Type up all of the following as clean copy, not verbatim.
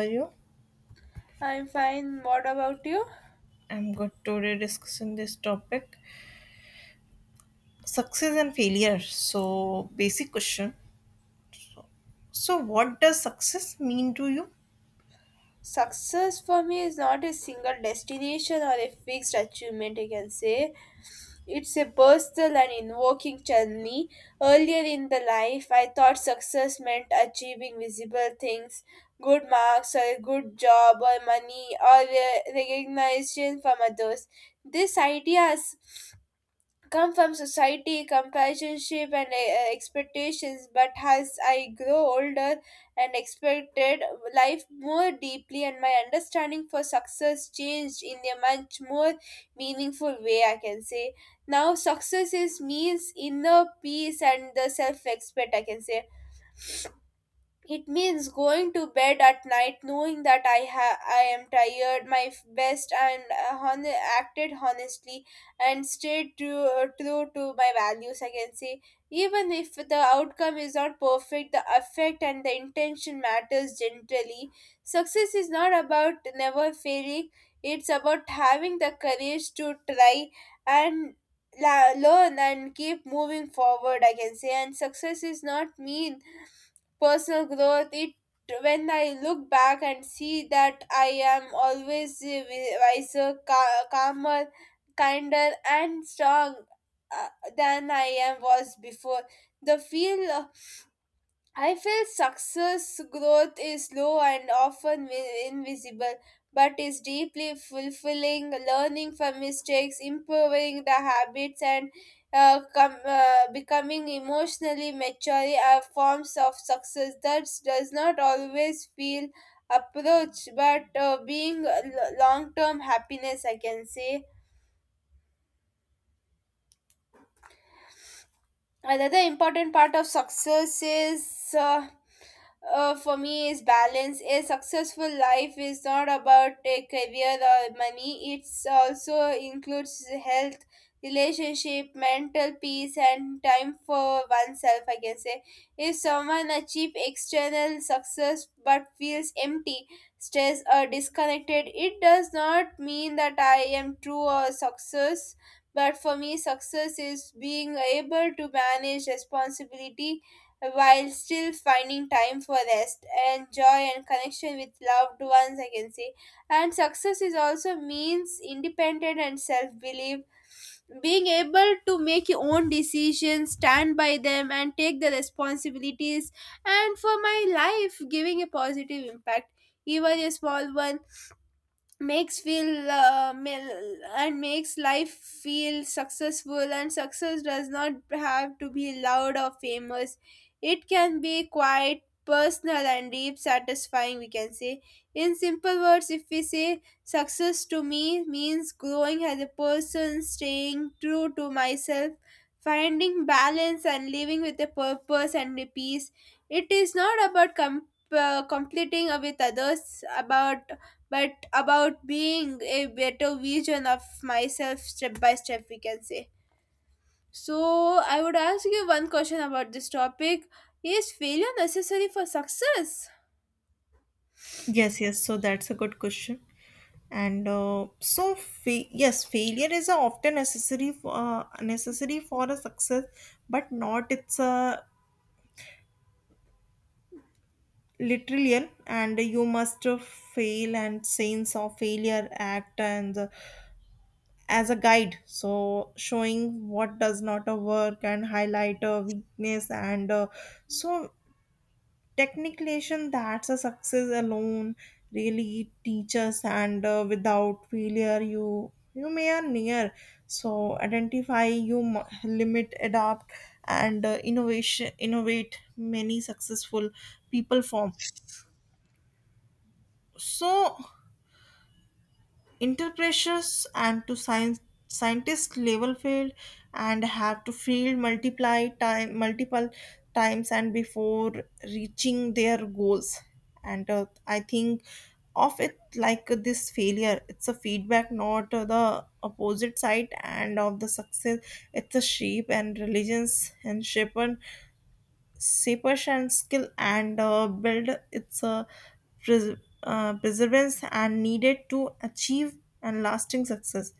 Are you? I'm fine. What about you? I'm good. Today discussing this topic, success and failure. So basic question. So what does success mean to you? Success for me is not a single destination or a fixed achievement, I can say. It's a personal and invoking journey. Earlier in the life, I thought success meant achieving visible things, good marks, or a good job, or money, or recognition from others. This idea has come from society, companionship, and expectations. But as I grow older and expected life more deeply, and my understanding for success changed in a much more meaningful way, I can say. Now, success is means inner peace and the self respect, I can say it means going to bed at night knowing that I am tired, my best, and acted honestly and stayed true, true to my values. I can say, even if the outcome is not perfect, the effect and the intention matters generally. Success is not about never failing; it's about having the courage to try and learn and keep moving forward. I can say, and success is not mean personal growth it when I look back and see that I am always wiser calmer kinder and strong uh, than I am was before the feel I feel success growth is slow and often invisible, but is deeply fulfilling. Learning from mistakes, improving the habits, and becoming emotionally mature are forms of success that does not always feel approach, but being long term happiness, I can say. Another important part of success is. For me, is balance. A successful life is not about a career or money. It's also includes health, relationship, mental peace, and time for oneself. I can say if someone achieve external success but feels empty, stressed, or disconnected, it does not mean that I am true or success. But for me, success is being able to manage responsibility while still finding time for rest and joy and connection with loved ones, I can say. And success is also means independent and self-belief, being able to make your own decisions, stand by them and take the responsibilities. And for my life giving a positive impact, even a small one, makes feel mil- and makes life feel successful. And success does not have to be loud or famous, it can be quite personal and deep satisfying, we can say. In simple words, if we say success to me means growing as a person, staying true to myself, finding balance and living with a purpose and a peace. It is not about completing with others about, but about being a better version of myself, step by step, we can say. So I would ask you one question about this topic: is failure necessary for success? Yes, yes. So that's a good question. And yes, failure is a often necessary for a success, but not it's a literal, and you must fail and sense of failure act and the as a guide, so showing what does not a work and highlight a weakness. And so technication, that's a success alone really teaches. And without failure, you may are near. So identify limit, adapt, and innovation innovate. Many successful people form, so inter, and to science, scientist level field, and have to field multiply time multiple times, and before reaching their goals. And I think of it like this: failure, it's a feedback, not the opposite side and of the success. It's a shape and religions and shape seepage and skill, and build its pres- perseverance and needed to achieve and lasting success.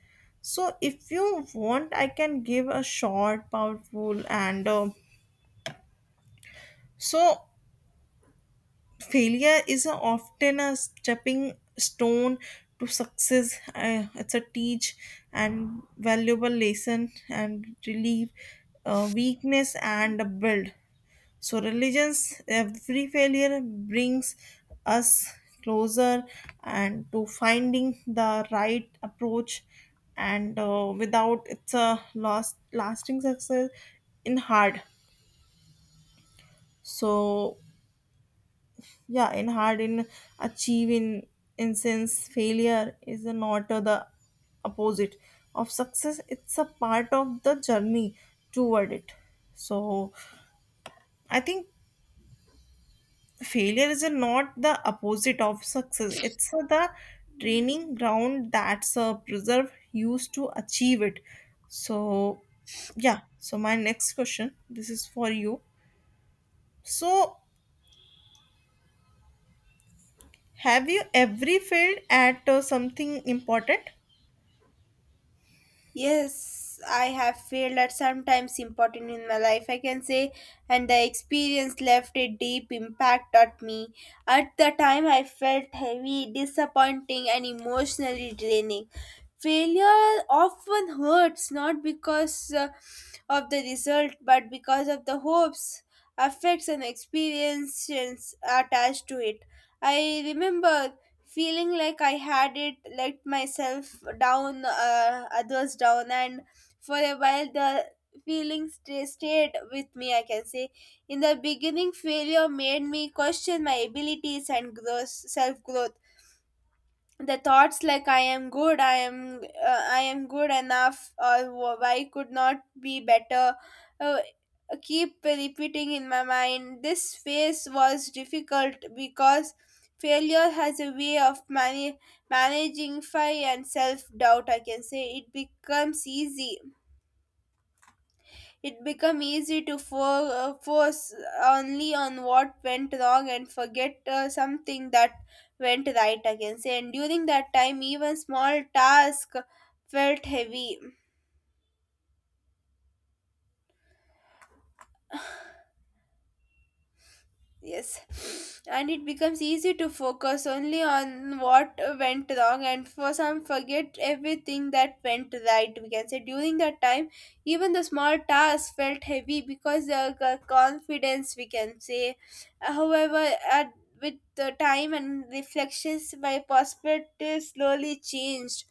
So if you want, I can give a short, powerful, and so failure is often a stepping stone to success. It's a teach and valuable lesson and relieve weakness and build. So, religions, every failure brings us closer and to finding the right approach, and without, it's a lost lasting success in hard. So, yeah, in hard in achieving, in sense, failure is not the opposite of success. It's a part of the journey toward it. So, I think failure is not the opposite of success, it's the training ground that's preserve used to achieve it. So, yeah, so my next question, this is for you. So have you ever failed at something important? Yes, I have failed at sometimes important in my life, I can say, and the experience left a deep impact on me. At the time, I felt heavy, disappointing, and emotionally draining. Failure often hurts not because of the result, but because of the hopes, affects, and experiences attached to it. I remember feeling like I had it let myself down, others down, and for a while the feeling sta stayed with me. I can say in the beginning, failure made me question my abilities and growth, self growth. The thoughts like I am good, I am good enough, or why could not be better uh, keep repeating in my mind. This phase was difficult because failure has a way of managing fear and self doubt, I can say. It became easy to focus only on what went wrong and forget something that went right, I can say. And during that time, even small tasks felt heavy. Yes, and it becomes easy to focus only on what went wrong, and for some, forget everything that went right. We can say during that time, even the small tasks felt heavy because the confidence, we can say. However, at, with the time and reflections, my perspective slowly changed.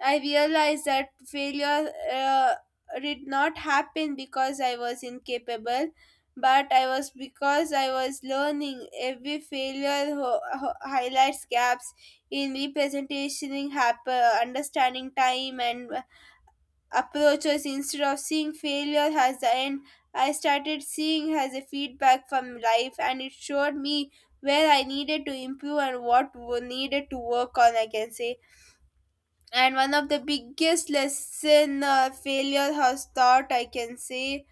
I realized that failure did not happen because I was incapable but I was because I was learning. Every failure highlights gaps in representation, understanding time and approaches instead of seeing failure as the end. I started seeing as a feedback from life and it showed me where I needed to improve and what needed to work on, I can say. And one of the biggest lesson failure has taught, I can say,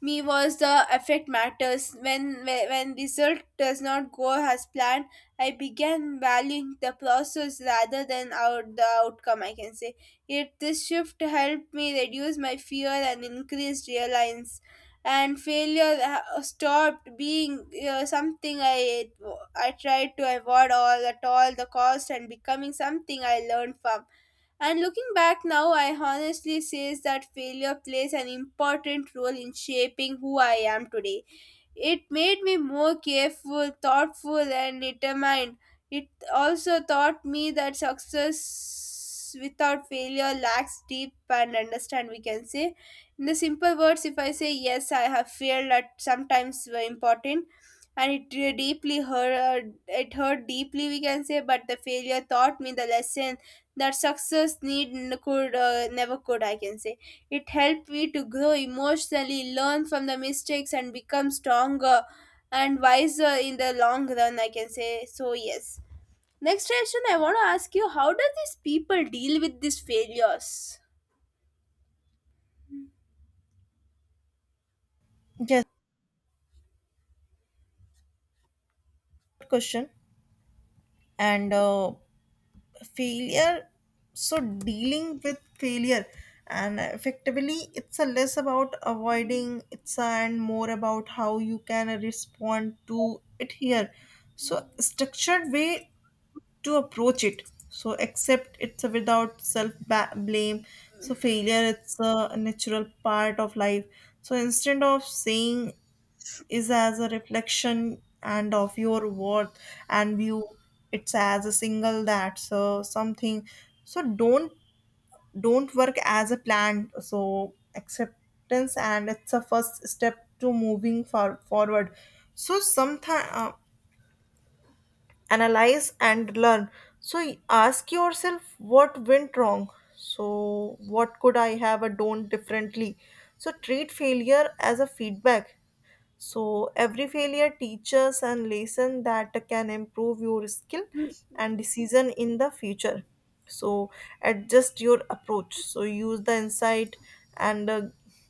me was the effect matters. When result does not go as planned, I began valuing the process rather than out the outcome, I can say. It this shift helped me reduce my fear and increased reliance, and stopped being something I tried to avoid all at all the cost, and becoming something I learned from. And looking back now, I honestly says that failure plays an important role in shaping who I am today. It made me more careful, thoughtful, and determined. It also taught me that success without failure lacks deep and understand, we can say. In the simple words, if I say yes, I have failed at sometimes were important and deeply hurt, it hurt deeply, we can say. But the failure taught me the lesson that success need could never could, I can say. It helped me to grow emotionally, learn from the mistakes, and become stronger and wiser in the long run, I can say. So yes, next question I want to ask you: how do these people deal with these failures? Yes, good question. And failure, so dealing with failure and effectively, it's a less about avoiding it's a, and more about how you can respond to it here. So structured way to approach it. So accept it's a without self blame. So failure, it's a natural part of life. So instead of saying is as a reflection and of your worth, and view it's as a single that, so something. So don't work as a plan. So acceptance and it's a first step to moving forward. So sometimes analyze and learn. So ask yourself what went wrong. So what could I have done differently? So treat failure as a feedback. So every failure teaches and lesson that can improve your skill and decision in the future. So adjust your approach. So use the insight and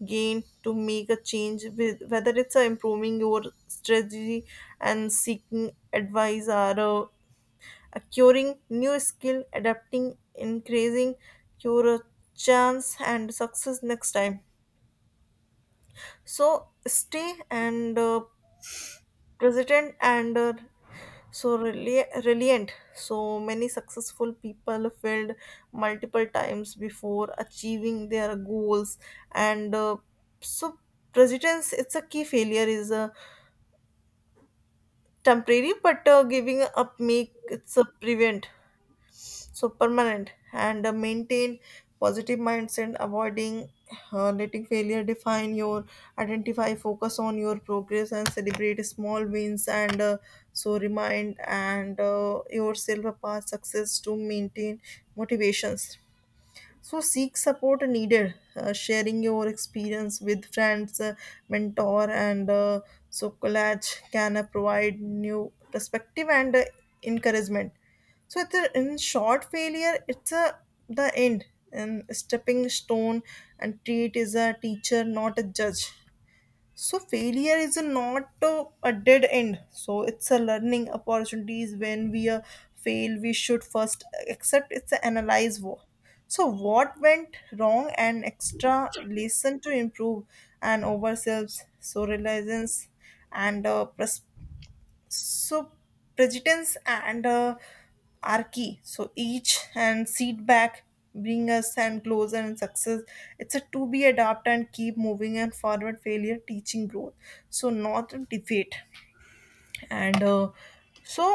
gain to make a change, with whether it's improving your strategy and seeking advice, or acquiring new skill, adapting, increasing your chance and success next time. So stay and President, and so resilient. So many successful people failed multiple times before achieving their goals. And so presidents, it's a key. Failure is a temporary, but giving up make it's a prevent, so permanent. And maintain positive mindset, avoiding letting failure define your identify, focus on your progress, and celebrate small wins. And so remind, and yourself a past success to maintain motivations. So seek support needed. Sharing your experience with friends, mentor, and so collage can provide new perspective and encouragement. So it's a, in short, failure, it's a the end and stepping stone, and treat is a teacher, not a judge. So failure is not a, a dead end. So it's a learning opportunities. When we fail, we should first accept it's a analyze so what went wrong and extra lesson to improve and ourselves. So resilience and so presidents, and are key. So each and seat back bring us and closer and success, it's a to be adapt and keep moving and forward. Failure teaching growth, so not a defeat. And so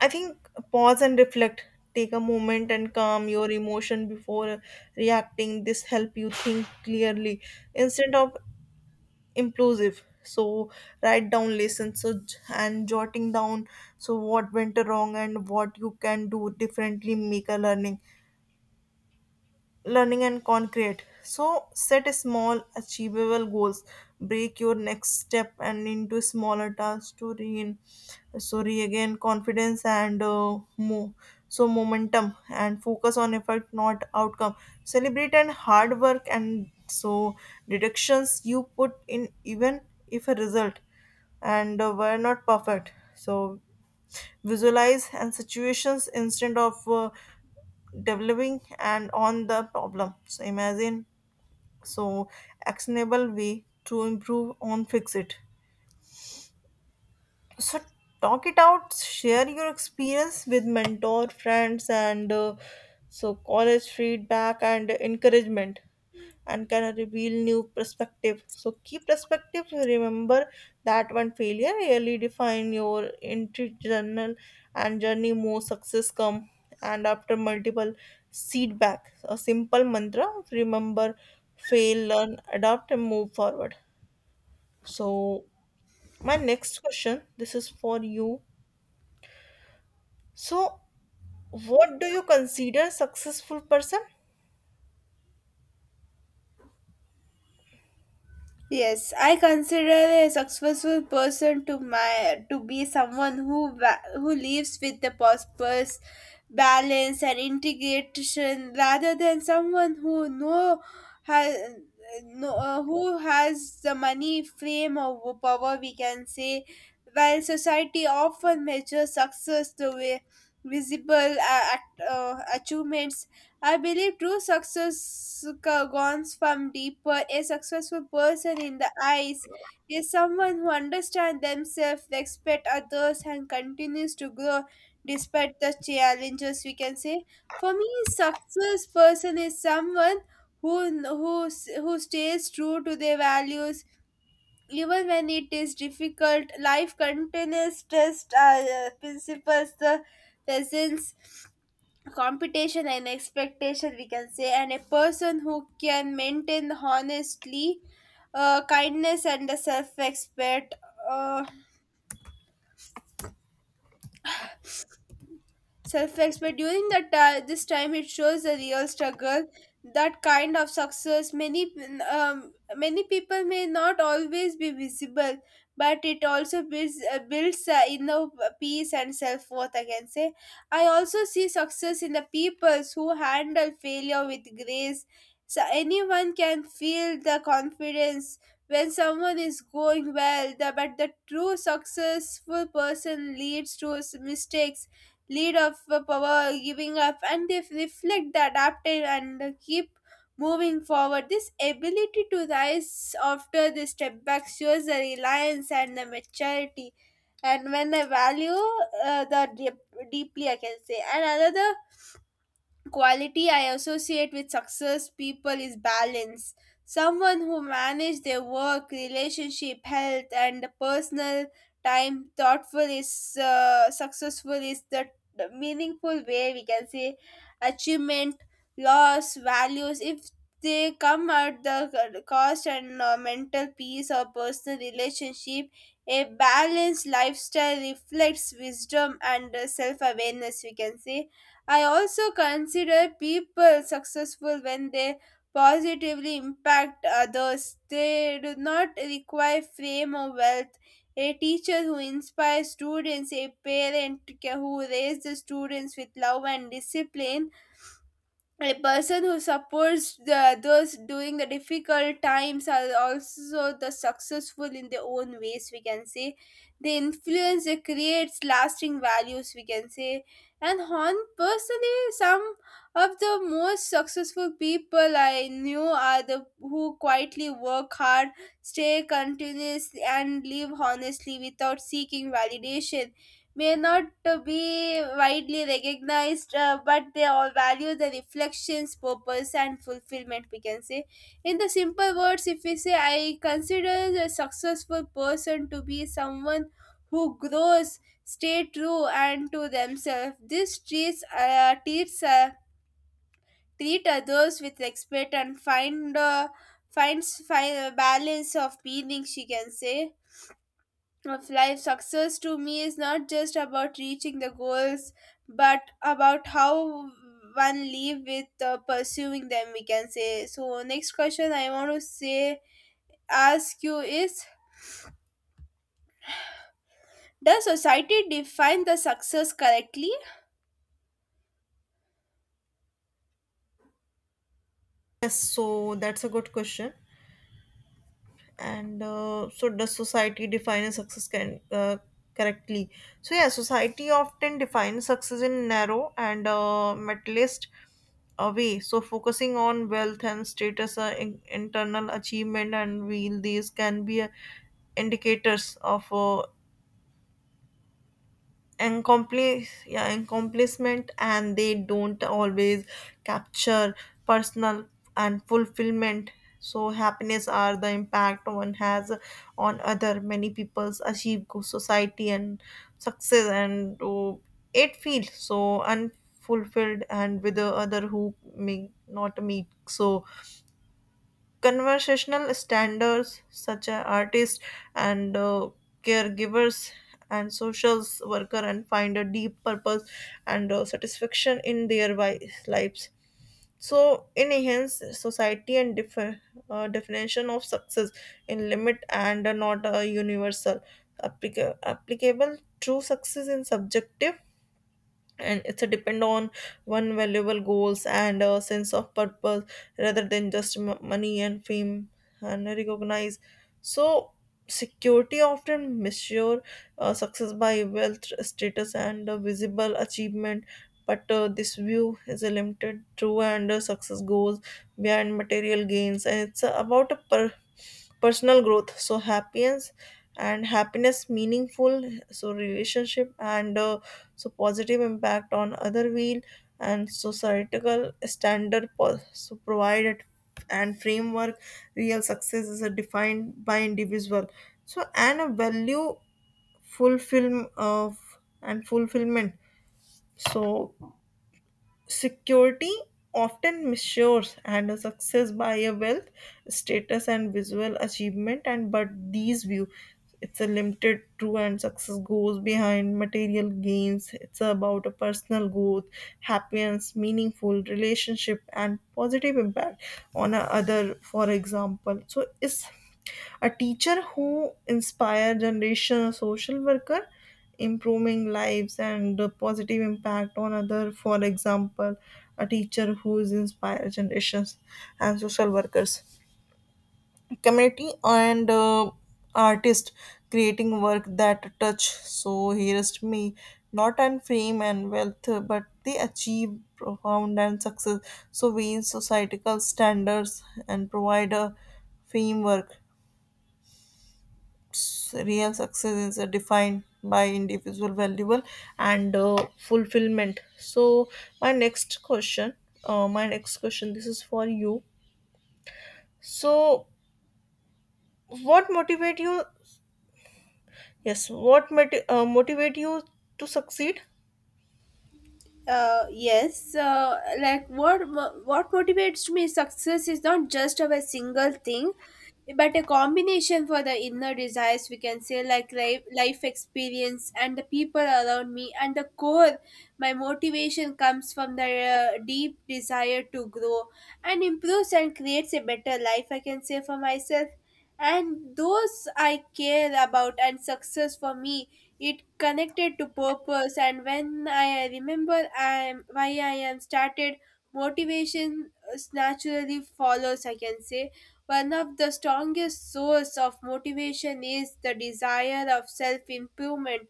I think, pause and reflect, take a moment and calm your emotion before reacting. This help you think clearly, instead of impulsive. So write down lessons. So and jotting down so what went wrong and what you can do differently, make a learning and concrete. So set small achievable goals, break your next step and into smaller tasks to regain, so regain confidence and so momentum, and focus on effort, not outcome. Celebrate and hard work and so deductions you put in, even if a result and were not perfect. So visualize and situations instead of developing and on the problem. So imagine, so actionable way to improve on fix it. So talk it out, share your experience with mentor friends and so college feedback and encouragement, and can reveal new perspective. So key perspective: remember that one failure really define your entry journal and journey, more success come and after multiple feedback. A simple mantra: remember, fail, learn, adapt, and move forward. So my next question, this is for you. So, what do you consider successful person? Yes, I consider a successful person to be someone who lives with the purpose, balance, and integration, rather than someone who no has no who has the money, fame, or power. We can say, while society often measures success the way visible achievements, I believe true success comes from deeper. A successful person in the eyes is someone who understands themselves, respects others, and continues to grow despite the challenges. We can say, for me, success person is someone who who who stays true to their values even when it is difficult. Life continues test principles, the presence competition and expectation, we can say. And a person who can maintain honestly, kindness and the self-respect uh, self-respect, but during that this time it shows the real struggle. That kind of success, many many people may not always be visible, but it also builds inner peace and self-worth, I can say. I also see success in the peoples who handle failure with grace. So anyone can feel the confidence when someone is going well, the, but the true successful person leads to mistakes, lead of power giving up, and they reflect the adaptive and keep moving forward. This ability to rise after the step back shows the reliance and the maturity, and when I value uh, the deep, deeply, I can say. And another quality I associate with success people is balance. Someone who manage their work, relationship, health, and personal time thoughtful is successful is the meaningful way, we can say. Achievement, loss, values. If they come at the cost and mental peace or personal relationship, a balanced lifestyle reflects wisdom and self awareness. We can say I also consider people successful when they positively impact others. They do not require fame or wealth. A teacher who inspires students, a parent who raises the students with love and discipline, a person who supports the, those during the difficult times are also the successful in their own ways, we can say. The influence they creates lasting values, we can say. And on personally, some of the most successful people I knew are the who quietly work hard, stay continuous, and live honestly without seeking validation. May not be widely recognized, but they all value the reflections, purpose, and fulfillment. We can say, in the simple words, if we say, I consider a successful person to be someone who grows, stay true, and to themselves. This treat others with respect and find a balance of meaning. She can say of life, success to me is not just about reaching the goals, but about how one live with pursuing them. We can say so. Next question I want to say ask you is: does society define the success correctly? Yes, so that's a good question. And so, does society define a success can, correctly? So, yeah, society often defines success in narrow and materialist a way. So, focusing on wealth and status, internal achievement, and real these can be indicators of accomplish, yeah, accomplishment, and they don't always capture personal and fulfillment. So happiness are the impact one has on other. Many people's achieve good society and success, and it feels so unfulfilled, and with the other who may not meet so conversational standards, such as artists and caregivers and social worker, and find a deep purpose and satisfaction in their lives. So in hence, society and definition of success in limit and not a universal applicable. True success in subjective, and it's a depend on one valuable goals and a sense of purpose, rather than just money and fame, and recognize. So security often measure success by wealth, status, and visible achievement. But this view is a limited true. And success goes beyond material gains, and it's about a personal growth. So happiness and happiness meaningful, so relationship and so positive impact on other wheel. And societal standard so provided and framework. Real success is defined by individual, so and a value, fulfillment of and fulfillment. So security often measures and a success by a wealth, status, and visual achievement. And but these view, it's a limited true, and success goes behind material gains. It's about a personal growth, happiness, meaningful relationship, and positive impact on a other. For example, so is a teacher who inspire generation, a social worker improving lives and the positive impact on other. For example, a teacher who is inspire generations and social workers community, and artist creating work that touch so hearest me, not on fame and wealth, but they achieve profound and success. So we in societal standards and provide a framework, real success is defined by individual valuable and fulfillment. So my next question. My next question, this is for you. So what motivate you? Yes, what motivate you to succeed? Yes, like what motivates me, success is not just of a single thing, but a combination for the inner desires, we can say, like life, experience and the people around me. And the core, my motivation comes from the deep desire to grow and improve and creates a better life, I can say, for myself and those I care about. And success for me, it connected to purpose, and when I remember I am why I am started, motivation naturally follows, I can say. One of the strongest source of motivation is the desire of self improvement.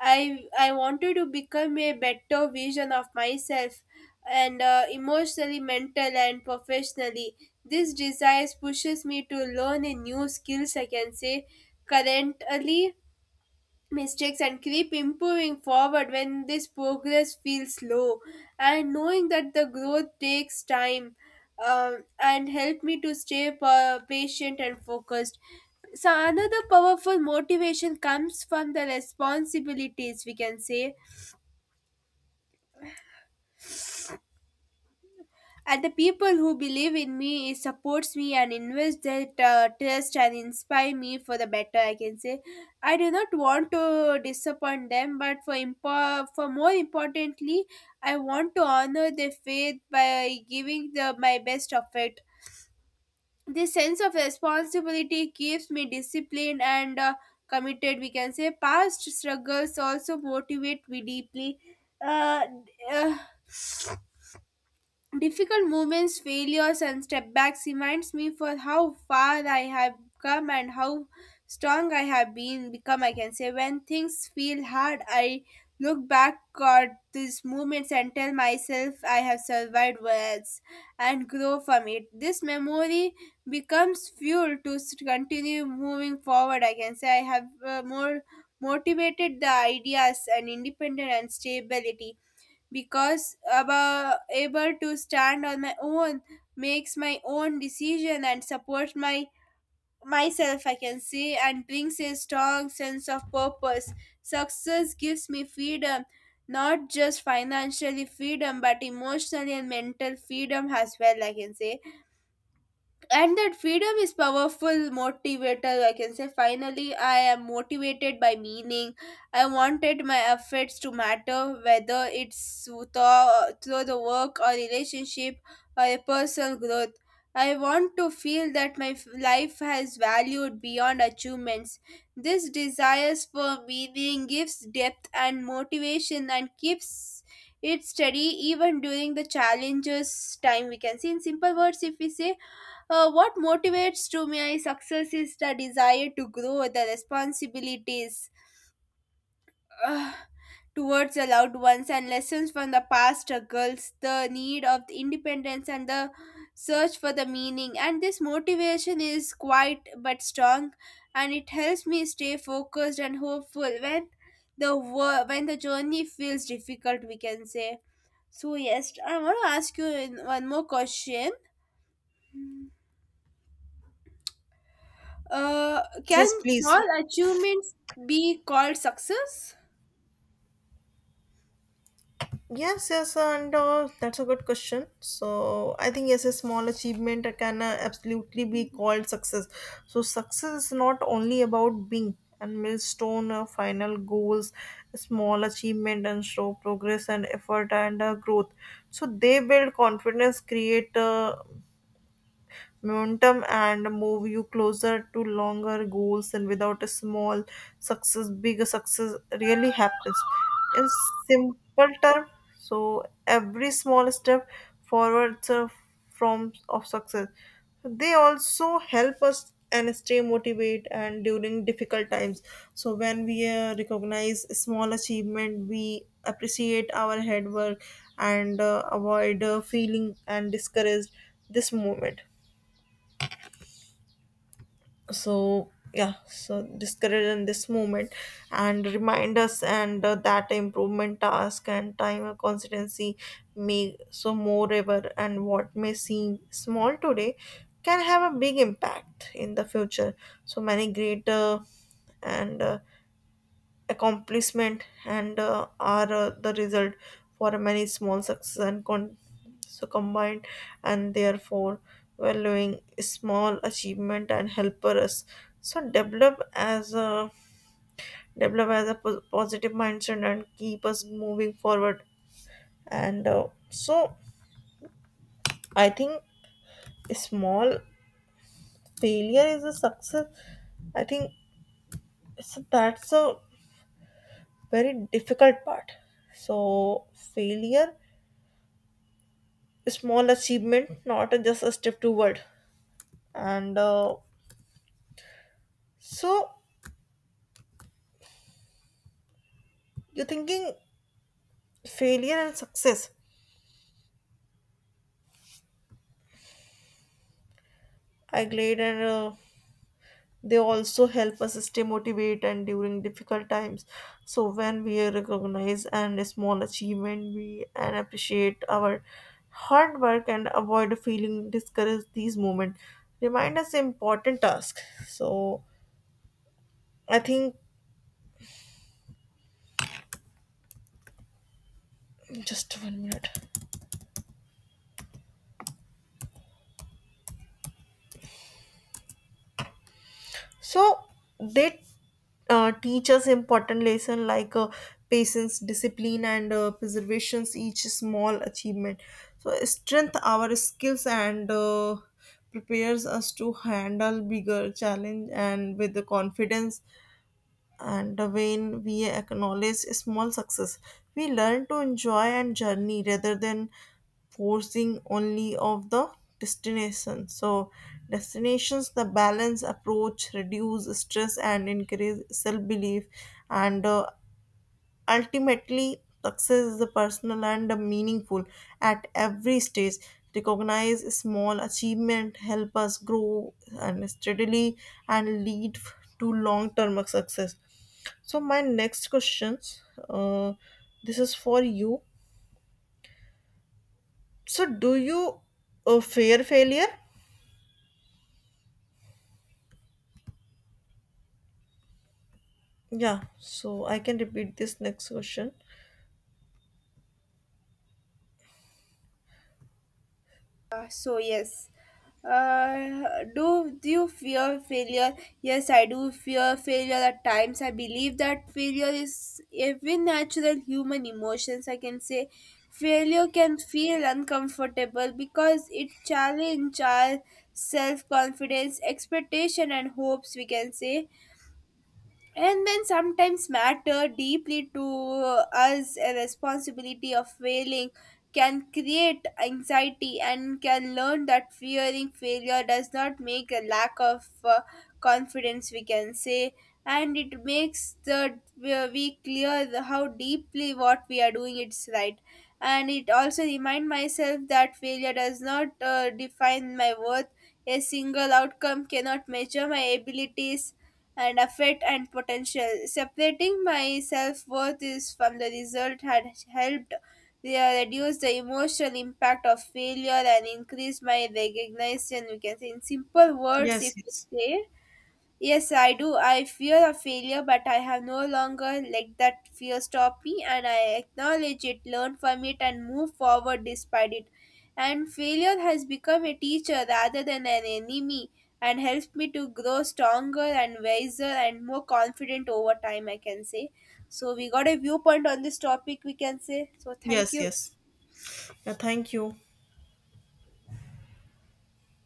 I wanted to become a better version of myself, and emotionally, mental, and professionally. This desire pushes me to learn a new skills, I can say, currently mistakes and keep improving forward when this progress feels slow, and knowing that the growth takes time. And help me to stay patient and focused. So another powerful motivation comes from the responsibilities, we can say, and the people who believe in me, it supports me and invest their trust and inspire me for the better, I can say. I do not want to disappoint them, but for more importantly, I want to honor their faith by giving the my best of it. This sense of responsibility keeps me disciplined and committed, we can say. Past struggles also motivate me deeply. uh, uh, Difficult moments, failures, and setbacks reminds me for how far I have come and how strong I have been become, I can say. When things feel hard, I look back at these moments and tell myself I have survived worse and grow from it. This memory becomes fuel to continue moving forward, I can say. I have more motivated the ideas and independent and stability, because about able to stand on my own, makes my own decision and support my myself, I can say, and brings a strong sense of purpose. Success gives me freedom, not just financially freedom, but emotionally and mental freedom as well, I can say. And that freedom is powerful motivator, I can say. Finally, I am motivated by meaning. I wanted my efforts to matter, whether it's through the work or relationship or a personal growth. I want to feel that my life has valued beyond achievements. This desires for meaning gives depth and motivation and keeps it steady even during the challenges time, we can see. In simple words, if we say, what motivates to my success is the desire to grow, the responsibilities uh, towards the loved ones, and lessons from the past struggles, the need of the independence, and the search for the meaning. And this motivation is quite but strong, and it helps me stay focused and hopeful when when the journey feels difficult, we can say. So, yes, I want to ask you one more question. Uh, can Yes, please. small achievements be called success? Yes, yes, and that's a good question. So I think yes, a small achievement can absolutely be called success. So success is not only about being and milestone, final goals, small achievement, and show progress and effort and growth. So they build confidence, create momentum, and move you closer to longer goals. And without a small success, big success really happens in simple term. So every small step forwards a form of success. They also help us and stay motivated and during difficult times. So when we recognize small achievement, we appreciate our hard work and avoid feeling and discouraged this moment. So yeah, so discourage in this moment, and remind us, and that improvement task and time or consistency may. So moreover, and what may seem small today can have a big impact in the future. So many greater and accomplishment, and are the result for many small success and so combined. And therefore, valuing small achievement and helper us, so develop as a positive mindset, and keep us moving forward. And so I think small failure is a success, I think. So that's a very difficult part. So failure, small achievement, not just a step toward. And so you're thinking failure and success. I glad. And they also help us stay motivated and during difficult times. So when we recognize and a small achievement, we and appreciate our hard work and avoid feeling discouraged. These moments remind us important task. So I think, just one minute. So they teach us important lesson, like patience, discipline, and preservations. Each small achievement so strength our skills, and prepares us to handle bigger challenge and with the confidence. And when we acknowledge small success, we learn to enjoy and journey rather than forcing only of the destination. So destinations the balance approach reduce stress and increase self-belief. And ultimately, success is personal and meaningful at every stage. Recognize small achievement, help us grow and steadily and lead to long-term success. So my next questions, uh, this is for you. So do you fear failure? Yeah. So I can repeat this next question. So yes. Uh, do you fear failure? Yes, I do fear failure at times. I believe that failure is even natural human emotions, I can say. Failure can feel uncomfortable because it challenges our self confidence, expectation, and hopes, we can say. And then sometimes matter deeply to us, a responsibility of failing can create anxiety, and can learn that fearing failure does not make a lack of confidence, we can say. And it makes the we clear how deeply what we are doing it's right. And it also remind myself that failure does not define my worth. A single outcome cannot measure my abilities and effort and potential. Separating my self worth is from the result had helped reduce the emotional impact of failure and increase my recognition, we can say. In simple words, if Yes. Yes. we say, yes, I do. I fear a failure, but I have no longer let that fear stop me, and I acknowledge it, learn from it, and move forward despite it. And failure has become a teacher rather than an enemy, and helps me to grow stronger and wiser and more confident over time, I can say. So, we got a viewpoint on this topic, we can say. So, thank Yes. you. Yes. Yeah. Thank you.